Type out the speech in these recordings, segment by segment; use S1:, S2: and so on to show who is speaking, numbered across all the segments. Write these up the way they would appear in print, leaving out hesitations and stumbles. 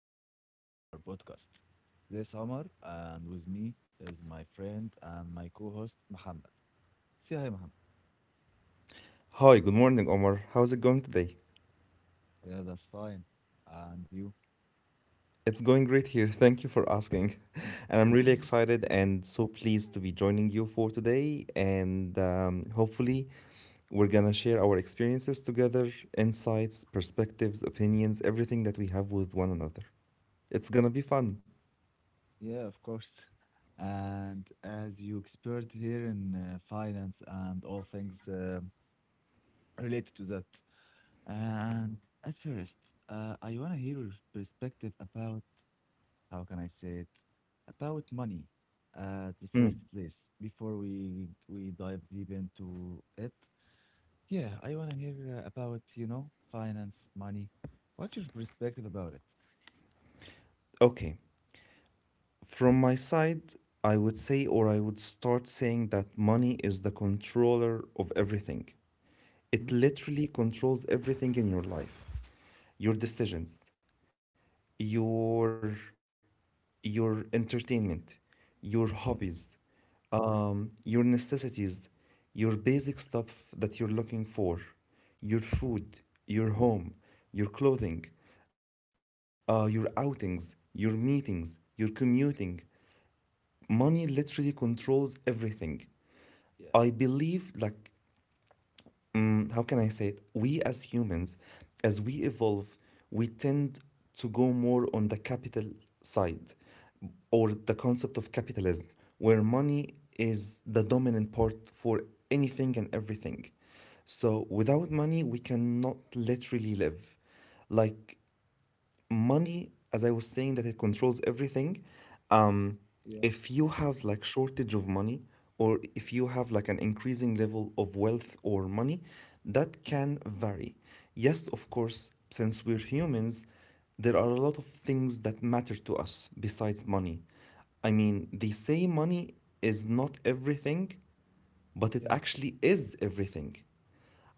S1: everyone, and welcome back to our podcast. This is Omar, and with me is my friend and my co host, Muhammad. Say hi, Muhammad.
S2: Hi, good morning, Omar. How's it going today?
S1: Yeah, that's fine. And you?
S2: It's going great here. Thank you for asking. And I'm really excited and so pleased to be joining you for today. And hopefully, we're going to share our experiences together, insights, perspectives, opinions, everything that we have with one another. It's going to be fun.
S1: Yeah, of course. And as you expert here in finance and all things related to that. And at first, I want to hear your perspective about how can I say it, about money
S2: Mm.
S1: at the first place before we dive deep into it. Yeah, I want to hear about, you know, finance, money. What's your perspective about it?
S2: Okay. From my side, I would say, or I would start saying that money is the controller of everything. It literally
S1: Hmm?
S2: controls everything in your life, your decisions,
S1: Mm.
S2: your your entertainment, your hobbies,
S1: Yeah,
S2: your necessities, your basic stuff that you're looking for, your food, your home, your clothing, your outings, your meetings, your commuting. Money literally controls everything. I
S1: yeah,
S2: believe like how can I say it? We as humans, as we evolve, we tend to go more on the capital side or the concept of capitalism, where money is the dominant part for anything and everything. So without money, we cannot literally live. Like money, as I was saying, that it controls everything. Um, if you
S1: yeah,
S2: have like shortage of money, or if you have like an increasing level of wealth or money, that can vary. Yes, of course, since we're humans, there are a lot of things that matter to us besides money. I mean, they say money is not everything, but it actually
S1: yeah,
S2: is everything.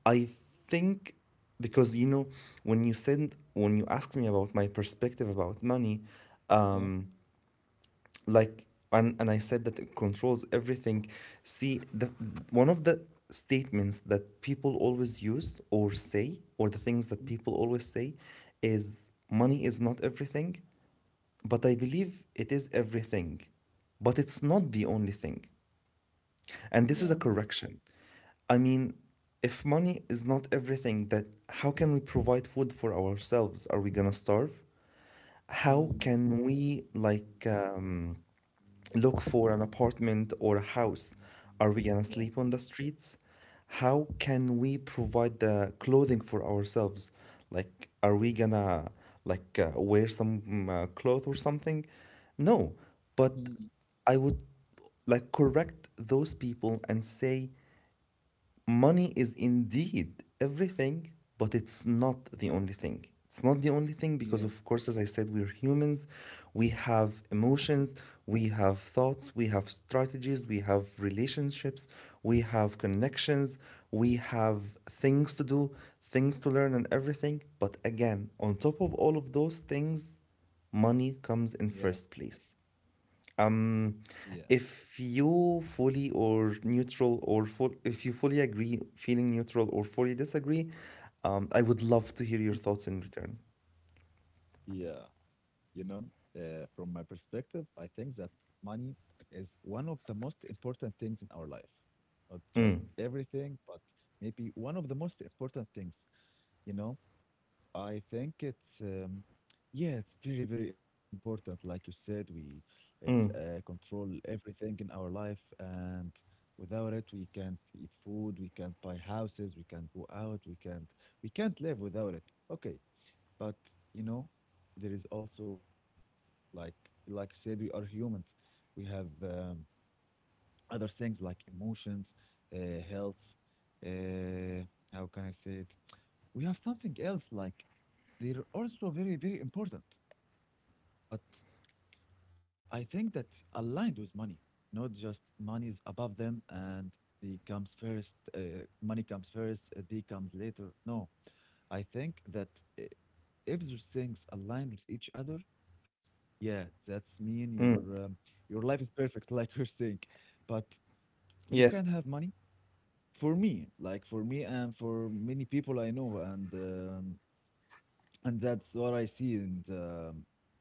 S2: I think because you know when you asked me about my perspective about money, um,
S1: yeah.
S2: like and I said that it controls everything. See, the one of the statements that people always use or say, or the things that people always
S1: Mm.
S2: say, is money is not everything. But I believe it is everything, but it's not the only thing. And this is a correction.
S1: Yeah.
S2: I mean, if money is not everything, that how can we provide food for ourselves? Are we gonna starve? How can
S1: Mm.
S2: we like look for an apartment or a house? Are we gonna sleep on the
S1: Yeah.
S2: streets? How can we provide the clothing for ourselves? Like, are we gonna like wear some cloth or something? No, but
S1: Mm.
S2: I would like correct those people and say money is indeed everything, but it's not the only thing. It's not the only thing because, of
S1: Yeah,
S2: course, as I said, we're humans. We have emotions, we have thoughts, we have strategies, we have relationships, we have connections, we have things to do, things to learn, and everything. But again, on top of all of those things, money comes
S1: yeah,
S2: in first place. Um, if you fully or neutral or full, if you fully agree, feeling neutral or fully disagree, I would love to hear your
S1: yeah.
S2: thoughts in return.
S1: Yeah, you know, from my perspective, I think that money is one of the most important things in our life. Not just everything, but maybe one of the most important things. You know, I think it's yeah, it's very, very important. Like you said, we it's
S2: Mm,
S1: control everything in our life, and without it, we can't eat food, we can't buy houses, we can't go out, we can't live without it. Okay, but you know, there is also like like I said, we are humans. We have other things like emotions, health. Uh, how can I say it? We have something else like they're also very very important. But I think that aligned with money, not just money is above them and they comes first, money comes first, they comes later. No, I think that uh, if those things aligned with each other, yeah, that's
S2: mm,
S1: mean your life is perfect, like you're saying. But
S2: yeah.
S1: you can have money for me, like for me and for many people I know, and that's what I see in the,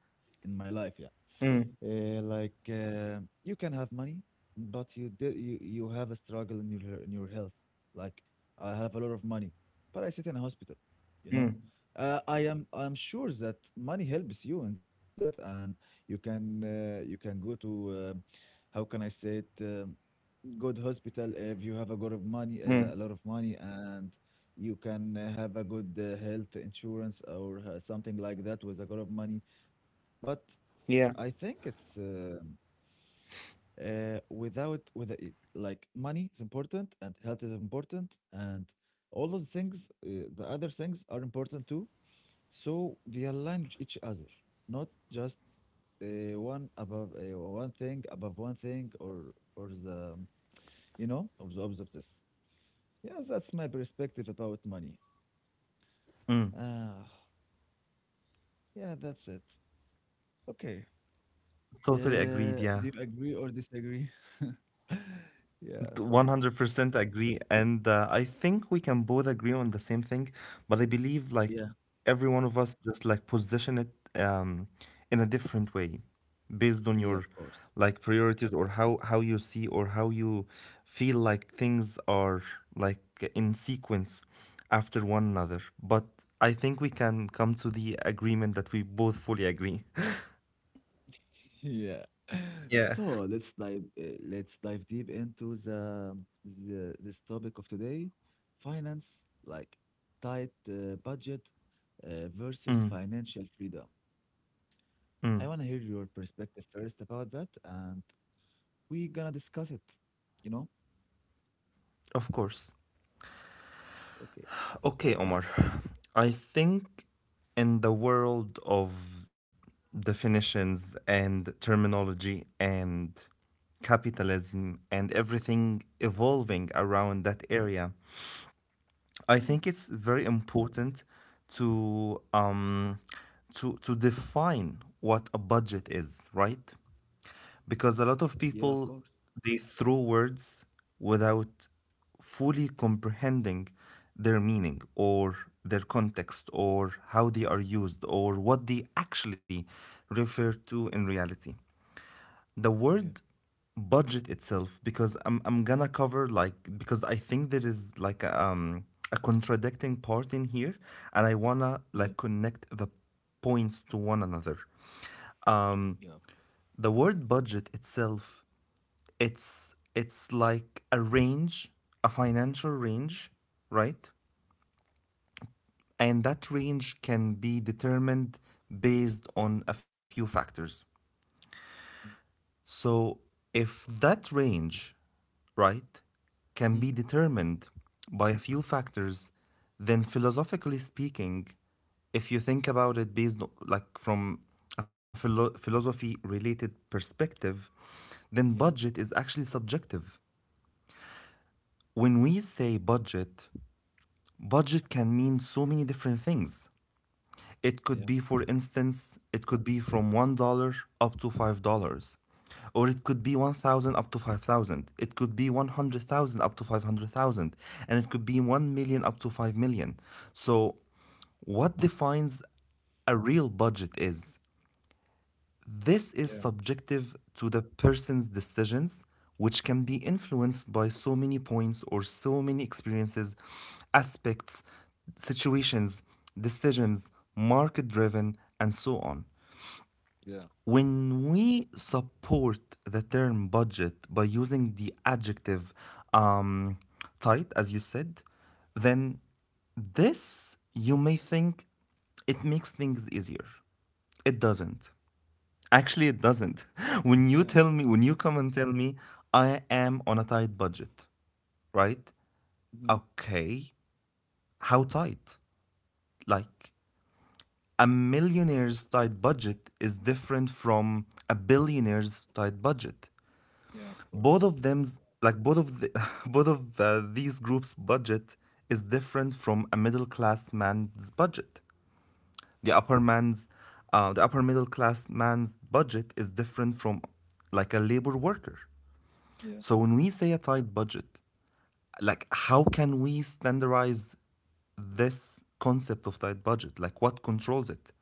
S1: in my life. Yeah.
S2: Mm,
S1: Like you can have money, but you did you you have a struggle in your health. Like I have a lot of money, but I sit in a hospital.
S2: mm,
S1: You know, I'm sure that money helps you in that, and you can go to how can I say it good hospital if you have a lot of money
S2: mm,
S1: and you can have a good health insurance or something like that with a lot of money, but
S2: yeah.
S1: I think it's without with the- like money is important and health is important and all of the things the other things are important too. So they align with each other, not just one above one thing above one thing or the or the opposites. Yeah, that's my perspective about money.
S2: Mm,
S1: Ah, yeah, that's it. Okay.
S2: totally agreed.
S1: Uh,
S2: Yeah.
S1: do you agree or disagree? Yeah, thank you.
S2: 100% agree, and I think we can both agree on the same thing, but I believe like
S1: Yeah.
S2: every one of us just like position it um, in a different way based on your
S1: Yeah, of
S2: like
S1: course.
S2: priorities or how you see or how you feel like things are like in sequence after one another. But I think we can come to the agreement that we both fully agree.
S1: Yeah.
S2: Yeah.
S1: So let's dive deep into the this topic of today, finance, like tight budget
S2: Mm,
S1: versus financial freedom. I want to
S2: mm,
S1: hear your perspective first about that, and we gonna discuss it, you know?
S2: of course.
S1: Okay.
S2: Okay, Omar. I think in the world of definitions and terminology and capitalism and everything evolving around that area, I
S1: Mhm.
S2: think it's very important to to define what a budget is, right? Because a lot
S1: Yeah,
S2: of
S1: of course.
S2: people they throw words without fully comprehending their meaning or their context or how they are used or what they actually refer to in reality. The
S1: Yeah,
S2: word budget itself, because I'm gonna cover like because I think there is like a contradicting part in here, and I wanna
S1: yeah,
S2: like connect the points to one another. Um
S1: yeah,
S2: the word budget itself, it's like a range, a financial range, right? And that range can be determined based on a few factors.
S1: yeah.
S2: So if that range, right, can be
S1: Mm.
S2: determined by a few factors, then philosophically speaking, if you think about it like from a philosophy related perspective, then
S1: Yeah,
S2: budget is actually subjective. When we say budget, budget can mean so many different things. It could be,
S1: yeah,
S2: for instance, it could be from $1 up to $5, or it could be 1,000 up to 5,000. It could be 100,000 up to 500,000, and it could be 1 million up to 5 million. So, what defines a real budget is this is
S1: yeah,
S2: subjective to the person's decisions, which can be influenced by so many points or so many experiences, aspects, situations, decisions, market driven, and so on.
S1: yeah,
S2: When we support the term budget by using the adjective um, tight, as you said, then this, you may think, it makes things easier. It doesn't. Actually, it doesn't.
S1: yeah.
S2: When you come and tell me, I am on a tight budget, right?
S1: Mhm.
S2: Okay, how tight? Like a millionaire's tight budget is different from a billionaire's tight budget.
S1: Yeah, of
S2: Both
S1: course.
S2: of them's like both of these groups' budget is different from a middle class man's budget. The upper man's, the upper middle class man's budget is different from like a labor worker.
S1: Yeah,
S2: So when we say a tight budget, like how can we standardize this concept of tight budget? Like what controls it?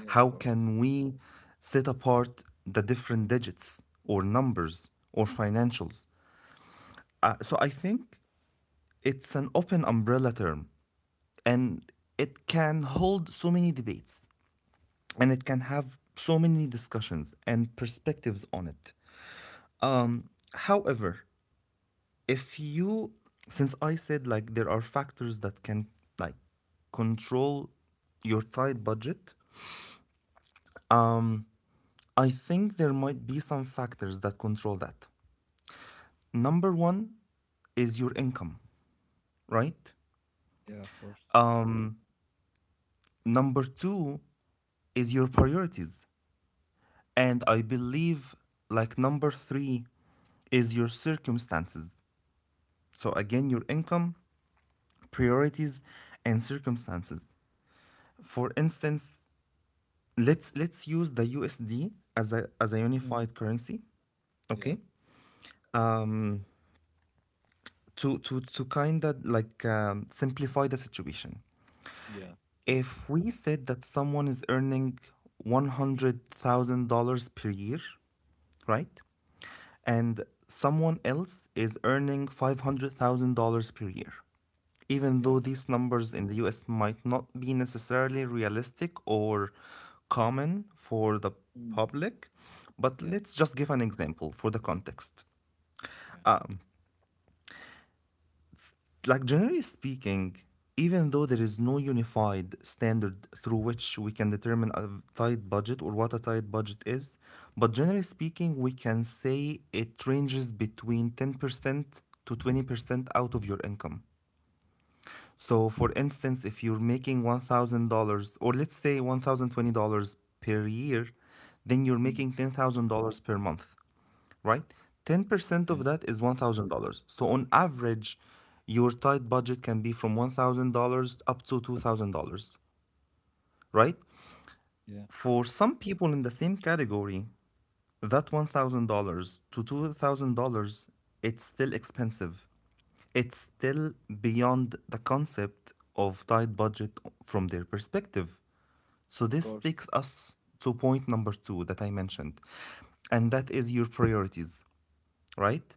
S1: yeah,
S2: How
S1: of
S2: can
S1: course.
S2: we set apart the different digits or numbers or financials? So I think it's an open umbrella term, and it can hold so many debates, and it can have so many discussions and perspectives on it. However, if you since I said like there are factors that can like control your tight budget, I think there might be some factors that control that. Number one is your income, right?
S1: Yeah, of course.
S2: Um number two is your priorities. And I believe like number three is your circumstances. So again, your income, priorities, and circumstances. For instance, let's use the USD as a
S1: Mm.
S2: unified currency,
S1: Yeah,
S2: okay? Mm, To kind of like simplify the situation.
S1: yeah, please.
S2: If we said that someone is earning $100,000 per year, right? And someone else is earning $500,000 per year. Even though
S1: Yeah.
S2: these numbers in the US might not be necessarily realistic or common for the
S1: Mm.
S2: public, but
S1: Yeah,
S2: let's just give an example for the context.
S1: yeah.
S2: Like generally speaking, even though there is no unified standard through which we can determine a tight budget or what a tight budget is, but generally speaking, we can say it ranges between 10% to 20% out of your income. So for instance, if you're making $1,000, or let's say $1,020 per year, then you're
S1: Mm.
S2: making $10,000 per month, right? 10%
S1: Yeah,
S2: of that is $1,000. So on average, your tight budget can be from $1,000 up to $2,000, right?
S1: yeah, of
S2: For some people in the same category, that $1,000 to $2,000, it's still expensive. It's still beyond the concept of tight budget from their perspective. So this
S1: course.
S2: takes us to point number two that I mentioned, and that is your priorities, right?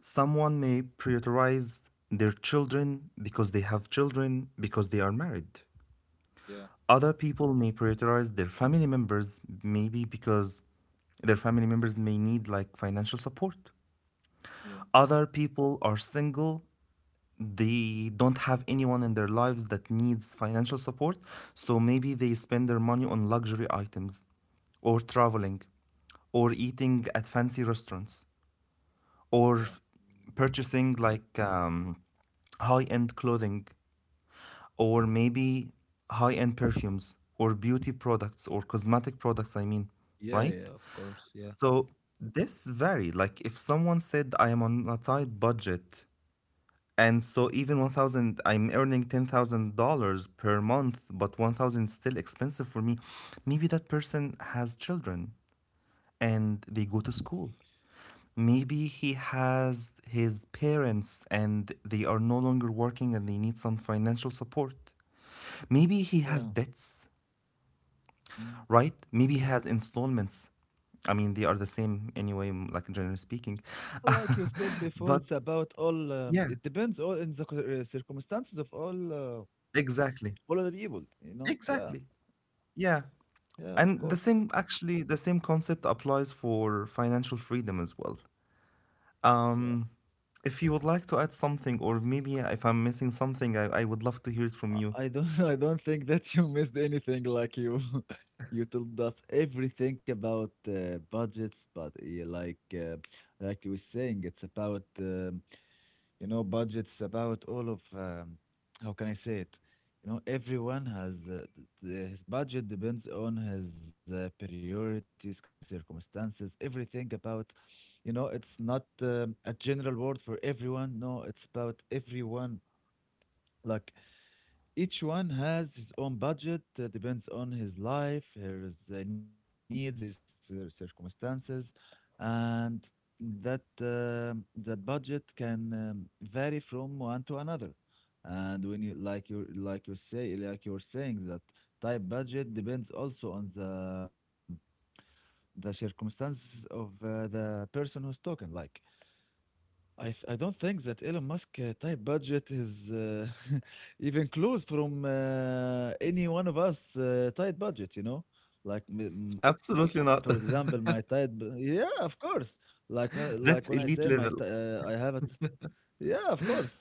S2: Someone may prioritize their children because they have children, because they are married.
S1: Yeah,
S2: Other people may prioritize their family members, maybe because their family members may need like financial support.
S1: yeah,
S2: Other people are single, they don't have anyone in their lives that needs financial support, so maybe they spend their money on luxury items or traveling or eating at fancy restaurants, or
S1: yeah.
S2: purchasing like high end clothing, or maybe high end perfumes or beauty products or cosmetic products, I mean,
S1: Yeah,
S2: right?
S1: yeah, of course. Yeah,
S2: So this vary. Like if someone said I am on a tight budget, and so even 1,000, I'm earning $10,000 per month, but 1,000 is still expensive for me, maybe that person has children and they go to school. Maybe he has his parents and they are no longer working and they need some financial support. Maybe he has
S1: yeah.
S2: debts,
S1: Mm.
S2: right? Maybe he has installments. I mean, they are the same anyway, like generally speaking.
S1: Like you said before,
S2: But
S1: it's about all.
S2: yeah,
S1: It depends all in the circumstances of all uh,
S2: exactly.
S1: all of the people. You know. Yeah,
S2: Exactly. Yeah.
S1: yeah, of
S2: And the
S1: course.
S2: same, actually, the same concept applies for financial freedom as well.
S1: Yeah.
S2: Um, if you would like to add something, or maybe if I'm missing something, I would love to hear it from you.
S1: I don't. I don't think that you missed anything. Like you you told us everything about budgets, but like you were saying, it's about budgets about all of how can I say it? You know, everyone has his budget depends on his priorities, circumstances, everything about you know. It's not a general word for everyone. No, it's about everyone. Like each one has his own budget, depends on his life, his needs, his circumstances, and that budget can vary from one to another. And when you like you like you say like you're saying that type budget depends also on the circumstances of the person who's talking. Like I don't think that Elon Musk type budget is even close from any one of us tight budget, you know? Like for
S2: Absolutely not.
S1: example, yeah, of course. Like like when I
S2: That's
S1: say
S2: elite level.
S1: I have it. Yeah, of course.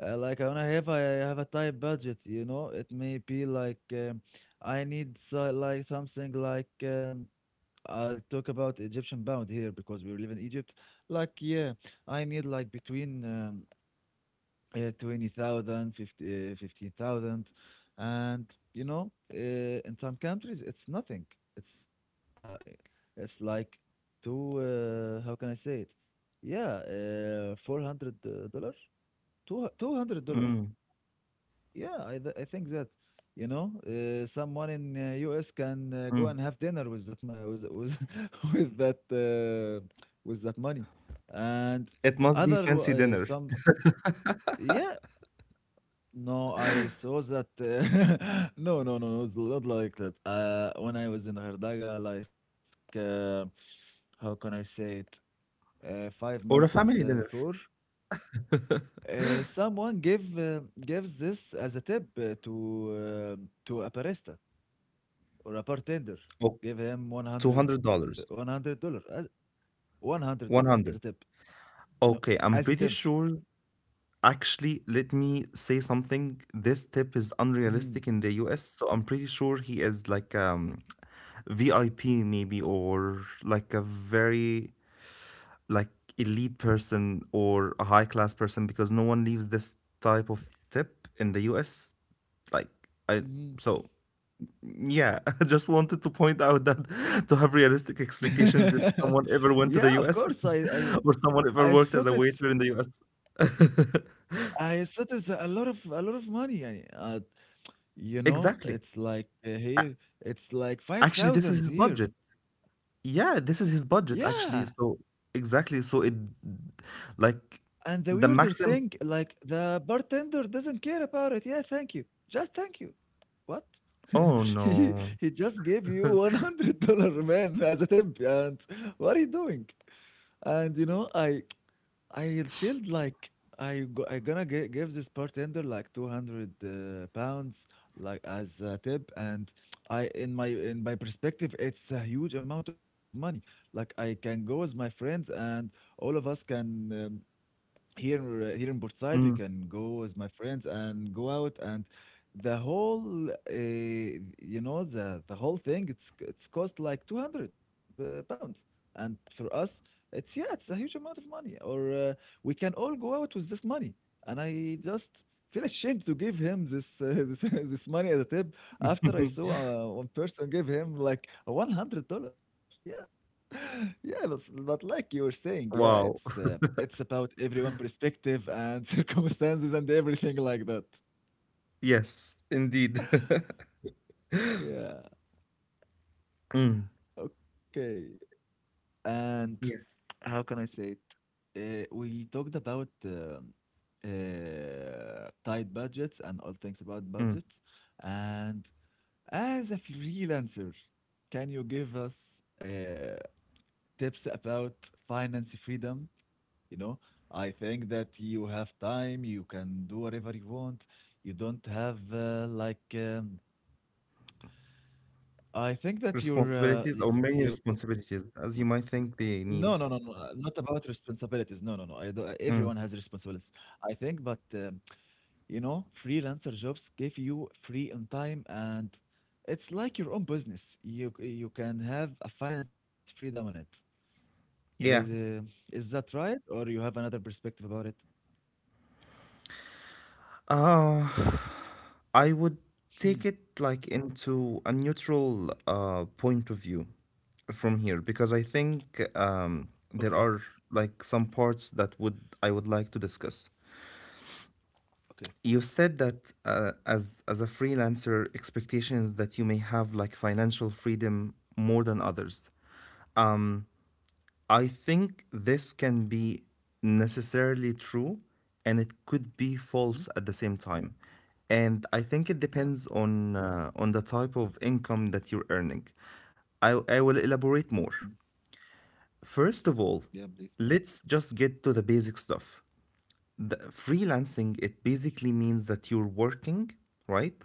S1: Like when I have a tight budget, you know, it may be like I need, so, like something like, I'll talk about Egyptian pound here because we live in Egypt. Like yeah, I need like between 20,000, 15,000 and in some countries it's nothing. It's uh, it's like two how can I say it? Yeah, $400, $200,
S2: Mm,
S1: yeah, I think that you know someone in US can go and
S2: mm.
S1: have dinner with that mo- with, with that uh, with that money, and
S2: It must be
S1: other
S2: fancy
S1: w-
S2: dinner
S1: some yeah, no, I saw that no, no, no, no, it's not like that when I was in Gardaga, like uh, how can I say it, 5 months
S2: or a
S1: is,
S2: family dinner.
S1: before someone gives this as a tip to a barista or a bartender,
S2: Oh,
S1: give him 100, one
S2: $200,
S1: hundred dollar as $100 as a tip,
S2: 100.
S1: you know
S2: Okay,
S1: as a
S2: I'm pretty
S1: tip.
S2: sure. Actually, let me say something. This tip is
S1: Hmm.
S2: unrealistic in the US, so I'm pretty sure he is like VIP maybe, or like a very like elite person or a high class person, because no one leaves this type of tip in the US. Like I
S1: Hmm.
S2: so Yeah, I just wanted to point out that to have realistic expectations if someone ever
S1: Yeah,
S2: went
S1: of
S2: to the
S1: course. i
S2: US,
S1: i
S2: or someone
S1: i
S2: ever
S1: thought
S2: worked as a
S1: it's
S2: waiter in the US.
S1: i thought it's a lot of money يعني. You know
S2: Exactly.
S1: it's like
S2: A-
S1: here it's like five
S2: Actually, this is
S1: thousands
S2: his
S1: here.
S2: budget. Yeah, this is his budget
S1: Yeah.
S2: actually. So exactly. So it like
S1: And the
S2: the
S1: weirder thing,
S2: maximum.
S1: like the bartender doesn't care about it. Yeah, thank you. Just thank you. What?
S2: Oh
S1: he
S2: no.
S1: he just gave you $100, man, as a tip, and what are you doing? And you know, I feel like I gonna give this bartender like 200 pounds like as a tip, and I in my perspective, it's a huge amount of money. Like I can go with my friends and all of us can, here, here in Portside, we
S2: Mm.
S1: can go with my friends and go out, and the whole you know the whole thing, it's cost like 200 pounds, and for us, it's, yeah, it's a huge amount of money, or we can all go out with this money, and I just feel ashamed to give him this this money as a tip, after I saw one person give him like $100. Yeah. Yeah, but like you were saying, yeah, it's
S2: Wow.
S1: uh, it's about everyone perspective and circumstances and everything like that.
S2: Yes, indeed.
S1: Yeah,
S2: Mm.
S1: okay. And
S2: Yeah.
S1: how can I say it? We talked about tight budgets and all things about
S2: Mm.
S1: budgets. And as a freelancer, can you give us uh, tips about finance freedom? You know, I think that you have time, you can do whatever you want. You don't have like I think that you're
S2: Responsibilities or many
S1: you,
S2: responsibilities as you might think
S1: no,
S2: they
S1: no, no,
S2: need.
S1: no, not about responsibilities. No, no, no. I do, everyone
S2: Mm.
S1: has responsibilities. I think, but you know, freelancer jobs give you free on time and it's like your own business. You can have a finance freedom on it. Is
S2: Yeah.
S1: uh, is that right, or you have another perspective about it?
S2: Uh, I would
S1: Hmm.
S2: take it like into a neutral point of view from here, because I think
S1: Okay.
S2: there are like some parts that would I would like to discuss.
S1: Okay.
S2: You said that as a freelancer, expectations that you may have like financial freedom more than others. I think this can be necessarily true, and it could be
S1: Hmm?
S2: false at the same time. And I think it
S1: Yeah.
S2: depends on the type of income that you're earning. I will elaborate
S1: Mm.
S2: more. First of
S1: Yeah, I
S2: all,
S1: believe.
S2: let's just get to the basic stuff. The freelancing, it basically means that you're working, right,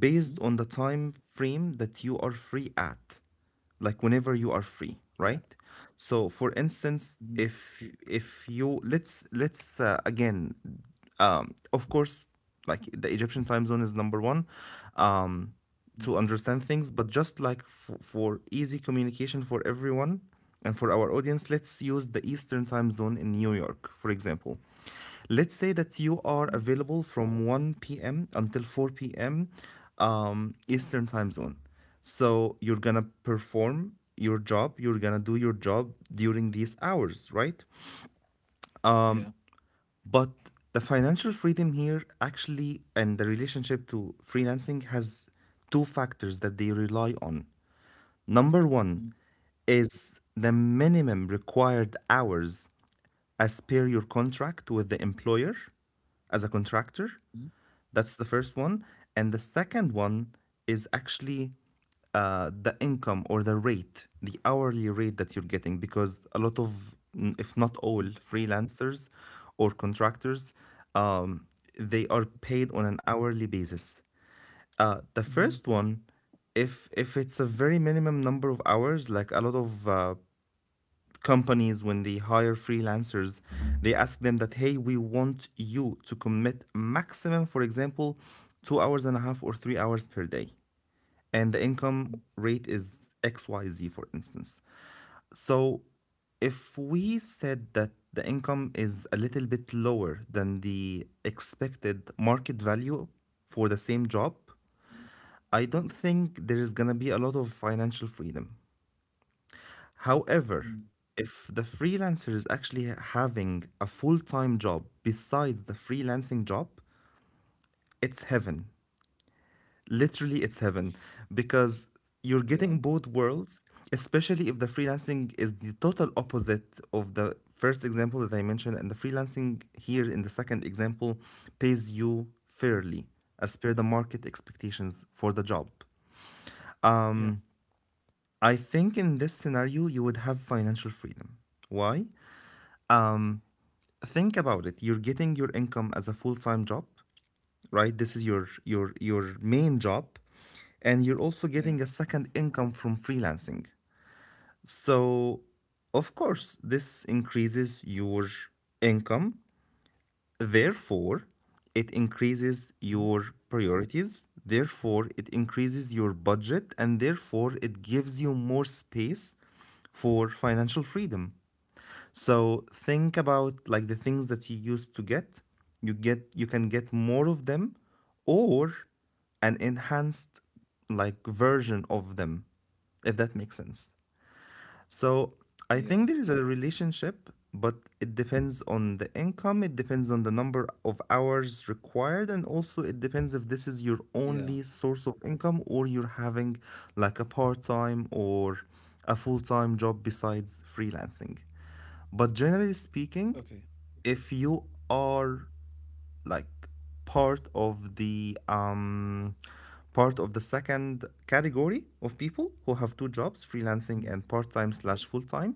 S2: based
S1: Mm.
S2: on the time frame that you are free at, like whenever you are free,
S1: Yeah.
S2: right. So for
S1: Mhm.
S2: instance, if you, let's again, of course, like the Egyptian time zone is number one, um
S1: Mm.
S2: to understand things, but just like, for easy communication for everyone and for our audience, let's use the Eastern time zone in New York for example. Let's say that you are
S1: Mm.
S2: available from 1 p.m. until 4 p.m. Eastern time zone. So you're gonna perform your job, you're gonna do your job during these hours, right?
S1: Yeah.
S2: But the financial freedom here actually, and the relationship to freelancing, has two factors that they rely on. Number one
S1: Mm.
S2: is the minimum required hours as per your contract with the employer as a contractor.
S1: Mm.
S2: That's the first one. And the second one is actually the income, or the rate, the hourly rate that you're getting, because a lot of, if not
S1: Mm.
S2: all, freelancers or contractors, um, they are paid on an hourly basis. The
S1: Mhm.
S2: first one, if it's a very minimum number of hours, like a lot of companies, when they hire freelancers, they ask them that, hey, we want you to commit maximum, for example, 2 hours and a half or 3 hours per day, and the income
S1: Mm.
S2: rate is xyz for instance. So if we said that the income is a little bit lower than the expected market value for the same job,
S1: Mm.
S2: I don't think there is going to be a lot of financial freedom.
S1: Mm.
S2: However, if the freelancer is actually having a full time job besides the freelancing job, it's heaven. Literally, it's heaven, because you're
S1: Yeah.
S2: getting both worlds, especially if the freelancing is the total opposite of the first example that I mentioned. And the freelancing here in the second example pays you
S1: Mm.
S2: fairly as per the market expectations for the job.
S1: Yeah.
S2: I think in this scenario, you would have financial freedom. Why? Think about it, you're getting your income as a full-time job, right? This is your main job, and you're also
S1: Yeah.
S2: getting a second income from freelancing. So of course, this increases your income, therefore it increases
S1: Mhm.
S2: your priorities, therefore it increases your budget, and therefore it gives you more space for financial freedom. So think about like the things that you used to get. You get, you can get more of them, or an enhanced like version of them, if that makes sense. So
S1: Yeah.
S2: I think there is a relationship, but it depends on the income, it depends on the number of hours required, and also it depends if this is your
S1: Yeah.
S2: only source of income or you're having like a part-time or a full-time job besides freelancing. But generally
S1: Okay.
S2: speaking, if you are like part of the um, part of the second category of people who have two jobs, freelancing
S1: Mm.
S2: and part time slash full time,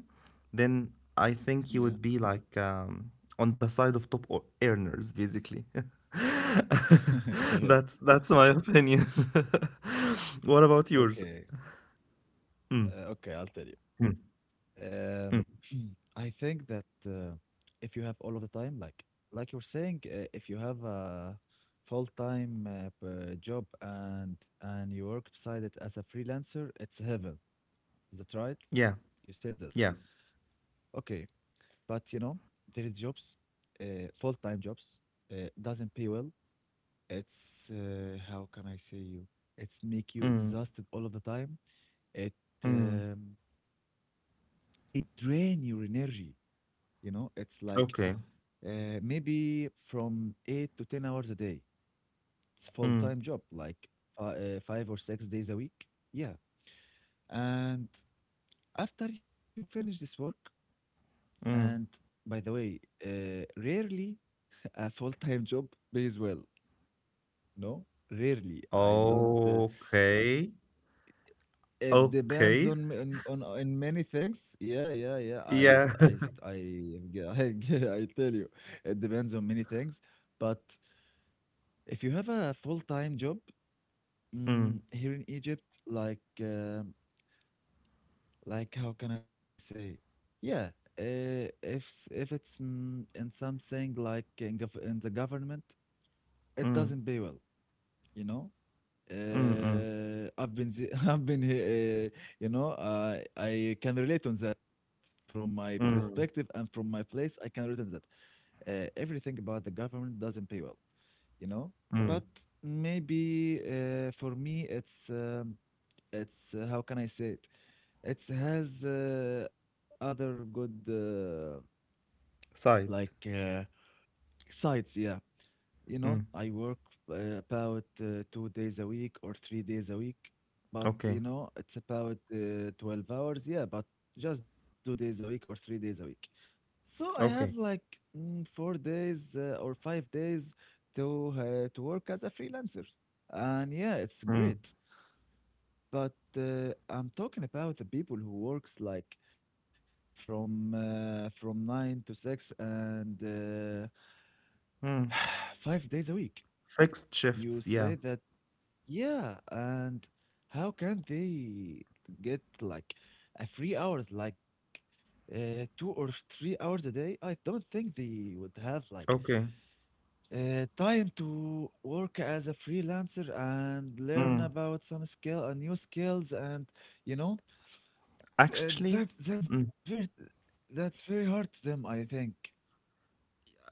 S2: then I
S1: Yeah.
S2: think you would be like on the side of top earners, basically.
S1: Yeah.
S2: That's my opinion. what about yours?
S1: Okay. Okay, I'll tell you.
S2: Mm,
S1: Um,
S2: mm.
S1: I think that if you have all of the time, like you're saying, if you have a full-time job, and you work beside it as a freelancer, it's heaven. Is that right?
S2: Yeah,
S1: You said that.
S2: yeah.
S1: Okay, but you know, there is jobs, full-time jobs, doesn't pay well. It's How can I say you? It's make you
S2: Mm,
S1: exhausted all of the time. It
S2: mm.
S1: um, it drain your energy. You know, it's like
S2: Okay.
S1: maybe from 8 to 10 hours a day. It's
S2: Mm,
S1: full-time job, like 5 or 6 days a week. Yeah, and after you finish this work, and
S2: mm.
S1: by the way, uh, rarely a full-time job pays well. No, rarely. I don't.
S2: Okay.
S1: It depends
S2: Okay.
S1: on many things. Yeah, yeah, yeah.
S2: Yeah.
S1: I I I tell you, it depends on many things. But if you have a full-time job
S2: Mm,
S1: here in Egypt, like how can I say? Yeah. If it's in something like in the government, it
S2: mm,
S1: doesn't pay well, you know?
S2: mm, mm,
S1: I've been I've been I can relate on that from my perspective
S2: mm,
S1: and from my place I can relate on that. Everything about the government doesn't pay well you know
S2: mm.
S1: but maybe for me it's, how can I say it, it has other good
S2: Side.
S1: like uh, sides, yeah. You know,
S2: Mm,
S1: I work about 2 days a week or 3 days a week, but
S2: okay.
S1: you know, it's about 12 hours. Yeah, but just 2 days a week or 3 days a week. So I have
S2: Okay.
S1: like 4 days or 5 days to work as a freelancer, and yeah, it's great.
S2: Mm,
S1: But I'm talking about the people who works like from 9 to 6 and
S2: mm.
S1: 5 days a week.
S2: Fixed shifts.
S1: You
S2: Yeah.
S1: say that. Yeah, and how can they get like a 3 hours, like 2 or 3 hours a day? I don't think they would have like
S2: Okay.
S1: time to work as a freelancer and learn
S2: Mm.
S1: about some skill, new skills, and you know, uh,
S2: Actually,
S1: that's that's
S2: mm,
S1: very that's very hard to them, I think.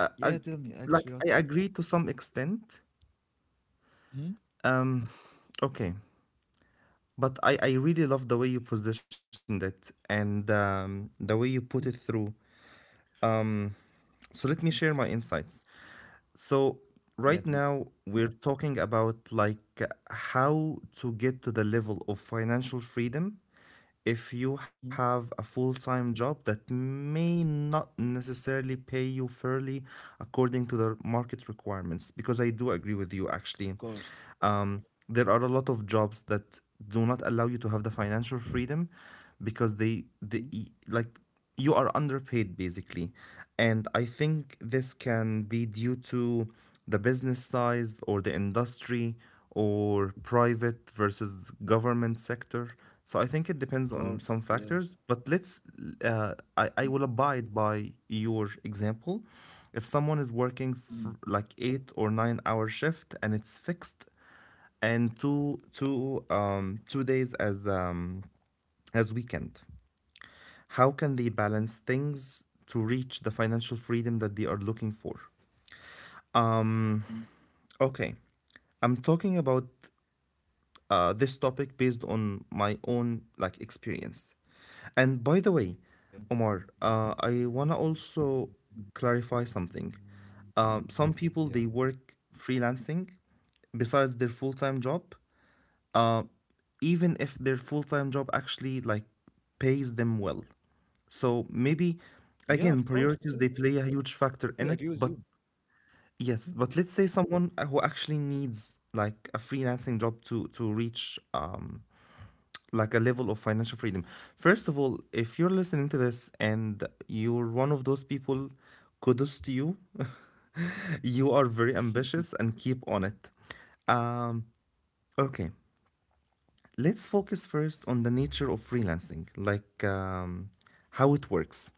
S2: I,
S1: tell
S2: I,
S1: me actually, what?
S2: like I agree to some extent.
S1: Hmm?
S2: Um, okay. But I really love the way you positioned it, and the way you put it
S1: Mm.
S2: through. Mm. So let me
S1: Thank
S2: share my insights. So
S1: you. Yeah,
S2: right
S1: please.
S2: now we're talking about like how to get to the level of financial freedom if you
S1: Hmm?
S2: have a full-time job that may not necessarily pay you fairly according to the market requirements, because I do agree with you
S1: Of
S2: actually.
S1: course.
S2: Um, there are a lot of jobs that do not allow you to have the financial freedom because they
S1: Hmm?
S2: like you are underpaid basically, and I think this can be due to the business size or the industry, or private versus government sector. So I think it
S1: Of
S2: depends on
S1: course.
S2: some
S1: Yeah.
S2: factors, but let's,
S1: Mm,
S2: I will abide by your example. If someone is working
S1: mm,
S2: for like 8 or 9 hour shift and it's fixed, and 2 days as weekend, how can
S1: mm,
S2: they balance things to reach the financial freedom that they are looking for?
S1: mm.
S2: Okay, I'm talking about this topic based on my own like experience. And by the way,
S1: Yeah.
S2: Omar, I wanna also clarify something. Some people
S1: Yeah.
S2: they work freelancing besides their full-time job, uh, even if their full-time job actually like pays them well. So maybe
S1: Yeah, of
S2: again,
S1: course. Yeah.
S2: priorities they play a huge
S1: Totally
S2: factor
S1: agree
S2: in
S1: with
S2: it,
S1: you.
S2: but
S1: Mm.
S2: yes, but let's say someone who actually needs like a freelancing job to reach like a level of financial freedom. First of all, if you're listening to this and you're one of those people, kudos to you. you are very ambitious and keep on it. Um, okay. Let's focus first on the nature of freelancing, like how it works.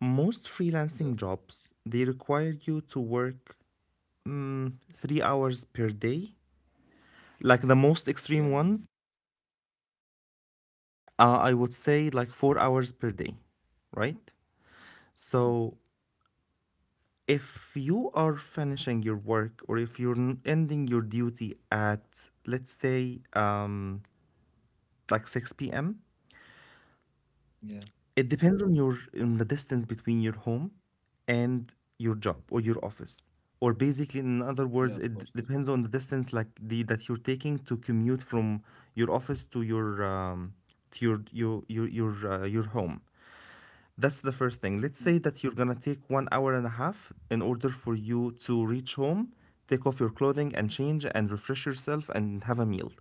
S2: Most
S1: Yeah.
S2: freelancing jobs, they require you to work, 3 hours per day. Like the most extreme
S1: Yeah,
S2: ones,
S1: maybe.
S2: I would say like 4 hours per day, right?
S1: Mm.
S2: So if you are finishing your work, or if you're ending your duty at let's say like 6 p.m.
S1: Yeah.
S2: It depends on the distance between your home and your job or your office. Or basically, in other
S1: Yeah, of
S2: words, it
S1: course.
S2: depends on the distance, like the that you're taking to commute from your office um, to your home. That's the first thing.
S1: Mm.
S2: Let's say that you're gonna take 1 hour and a half in order for you to reach home, take off your clothing and change and refresh yourself and have a meal.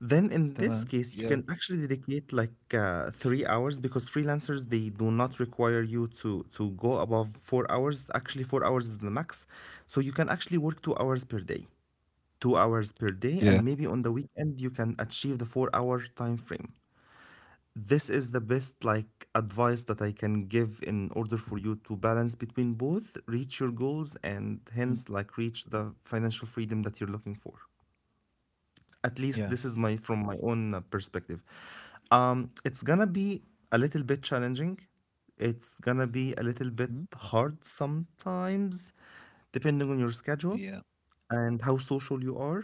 S2: Then in this
S1: Tamam.
S2: case, you
S1: Yeah.
S2: can actually dedicate like 3 hours, because freelancers they do not require you to go above 4 hours. Actually, 4 hours is the max. So you can actually work 2 hours per day, 2 hours per day, and
S1: Yeah.
S2: maybe on the weekend you can achieve the 4 hour time frame. This is the best like advice that I can give in order for you to balance between both, reach your goals, and
S1: Mm.
S2: hence like reach the financial freedom that you're looking for. At least
S1: Yeah.
S2: this is my, from my own perspective. Um, it's gonna be a little bit challenging, it's gonna be a
S1: Mm.
S2: little bit hard sometimes depending on your
S1: Yeah.
S2: schedule and how social you are.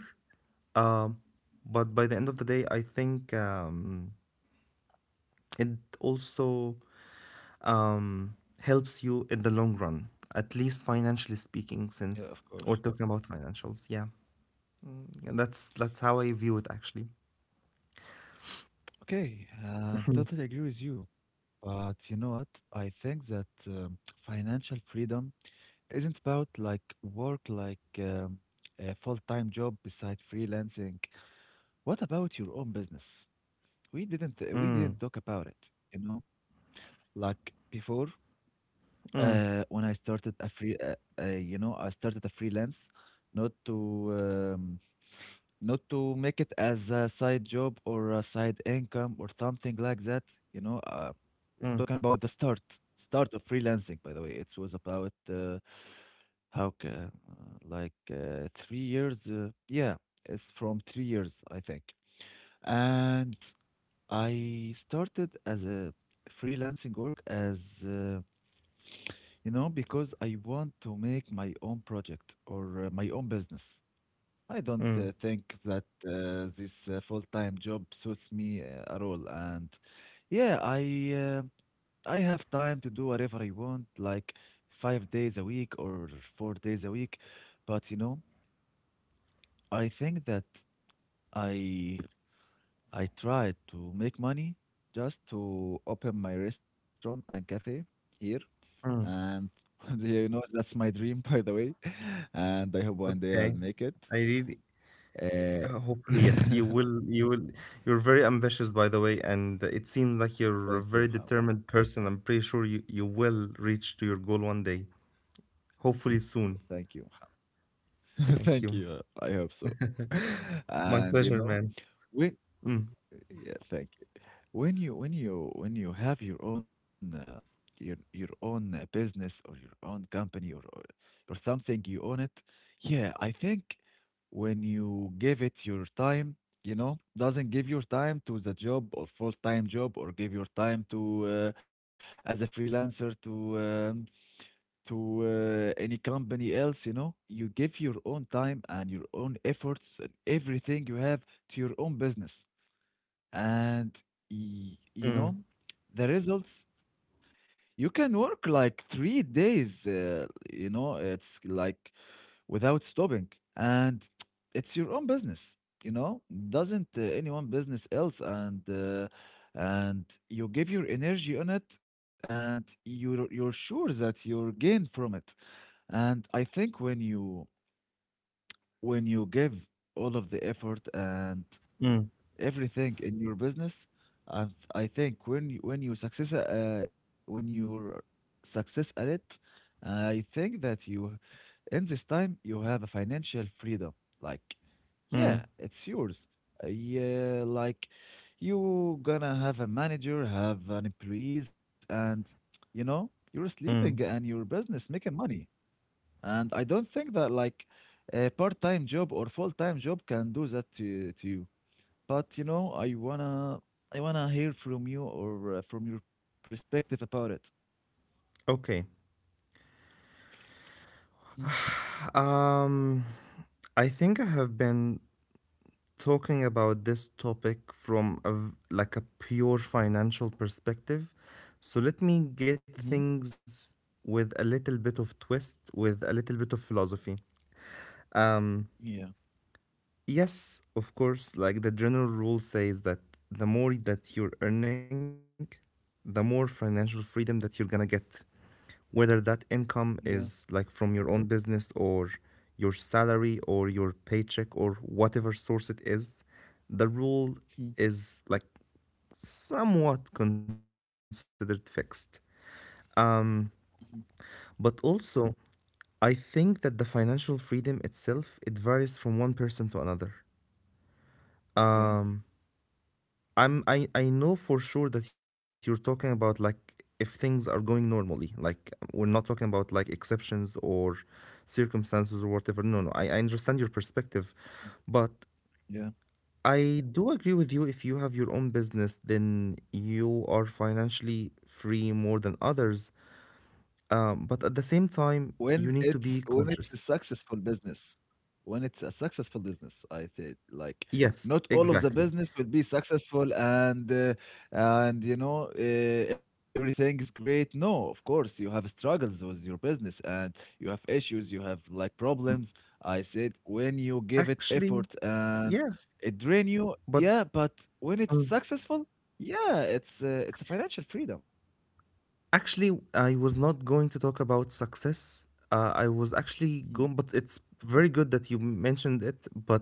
S2: Um, but by the end of the day, I think, it also, um helps you in the long run, at least financially speaking,
S1: Yeah, of
S2: since
S1: course.
S2: we're talking about financials, yeah. Yeah, that's how I view it actually.
S1: Okay. Totally agree with you. But you know what? I think that financial freedom isn't about like work like a full-time job beside freelancing. What about your own business? We didn't we
S2: Mm,
S1: didn't talk about it, you know? Like before,
S2: mm.
S1: when I started a free, I started a freelance, not to um, not to make it as a side job or a side income or something like that. You know, talking
S2: Mm.
S1: about the start of freelancing. By the way, it was about how ca- like 3 years. Yeah, it's from 3 years, I think. And I started as a freelancing work as. You know, because I want to make my own project or my own business. I don't
S2: Mm,
S1: think that this full-time job suits me at all. And yeah, I have time to do whatever I want, like 5 days a week or 4 days a week. But you know, I think that I I tried to make money just to open my restaurant and cafe here
S2: mm,
S1: and you know that's my dream, by the way, and I hope one day I'll
S2: okay.
S1: make it.
S2: I really
S1: Uh,
S2: hopefully yes, you will, you will. You're very ambitious, by the way, and it seems like you're a
S1: thank you,
S2: very
S1: Muhammad.
S2: determined person. I'm pretty sure you will reach to your goal one day. Hopefully soon.
S1: Thank you, Muhammad.
S2: Thank
S1: Thank
S2: you.
S1: you. I hope so.
S2: My
S1: And you
S2: pleasure,
S1: know,
S2: man.
S1: we.
S2: Mm,
S1: Yeah, thank you. When you have your own your own business or your own company, or something you own it, yeah, I think, when you give it your time, you know, doesn't give your time to the job or full-time job or give your time to as a freelancer to any company else, you know, you give your own time and your own efforts and everything you have to your own business. And you
S2: mm,
S1: know, the results, you can work like 3 days, you know, it's like without stopping, and it's your own business, you know, doesn't anyone business else, and you give your energy on it, and you're sure that you'll gain from it. And I think when you, give all of the effort and
S2: mm,
S1: everything in your business. And I think when you success when you're success at it, I think that you, in this time, you have a financial freedom. Like, yeah,
S2: mm,
S1: it's yours. Yeah, like you gonna have a manager, have an employees, and you know you're sleeping and
S2: mm.
S1: your business making money. And I don't think that like a part-time job or full-time job can do that to, you. But you know, I wanna hear from you or from your perspective about it.
S2: Okay.
S1: Hmm.
S2: Um, I think I have been talking about this topic from like a pure financial perspective. So let me get
S1: Hmm.
S2: things with a little bit of twist, with a little bit of philosophy. Um,
S1: Yeah.
S2: Yes, of course. Like the general rule says that the more that you're earning, the more financial freedom that you're gonna get. Whether that income
S1: Yeah.
S2: is like from your own business or your salary or your paycheck or whatever source it is, the rule
S1: Hmm.
S2: is like somewhat considered fixed.
S1: Hmm.
S2: But also, I think that the financial freedom itself, it varies from one person to another.
S1: Yeah.
S2: Um, I know for sure that you're talking about like if things are going normally, like we're not talking about like exceptions or circumstances or whatever. No, no, I understand your perspective,
S1: Mm,
S2: but
S1: yeah.
S2: I do agree with you. If you have your own business, then you are financially free more than others. But at the same time,
S1: When
S2: you need
S1: it's,
S2: to be
S1: a
S2: cautious.
S1: successful business, when it's a successful business, I think like
S2: Yes,
S1: not all of the
S2: exactly.
S1: business will be successful, and and you know uh, everything is great. No, of course you have struggles with your business, and you have issues, you have like problems. I said when you give it effort
S2: Actually,
S1: and
S2: yeah,
S1: it drain you,
S2: but
S1: yeah. But when it's successful, yeah, it's a financial freedom.
S2: Actually, I was not going to talk about success. I was actually
S1: Mm.
S2: going, but it's very good that you mentioned it. But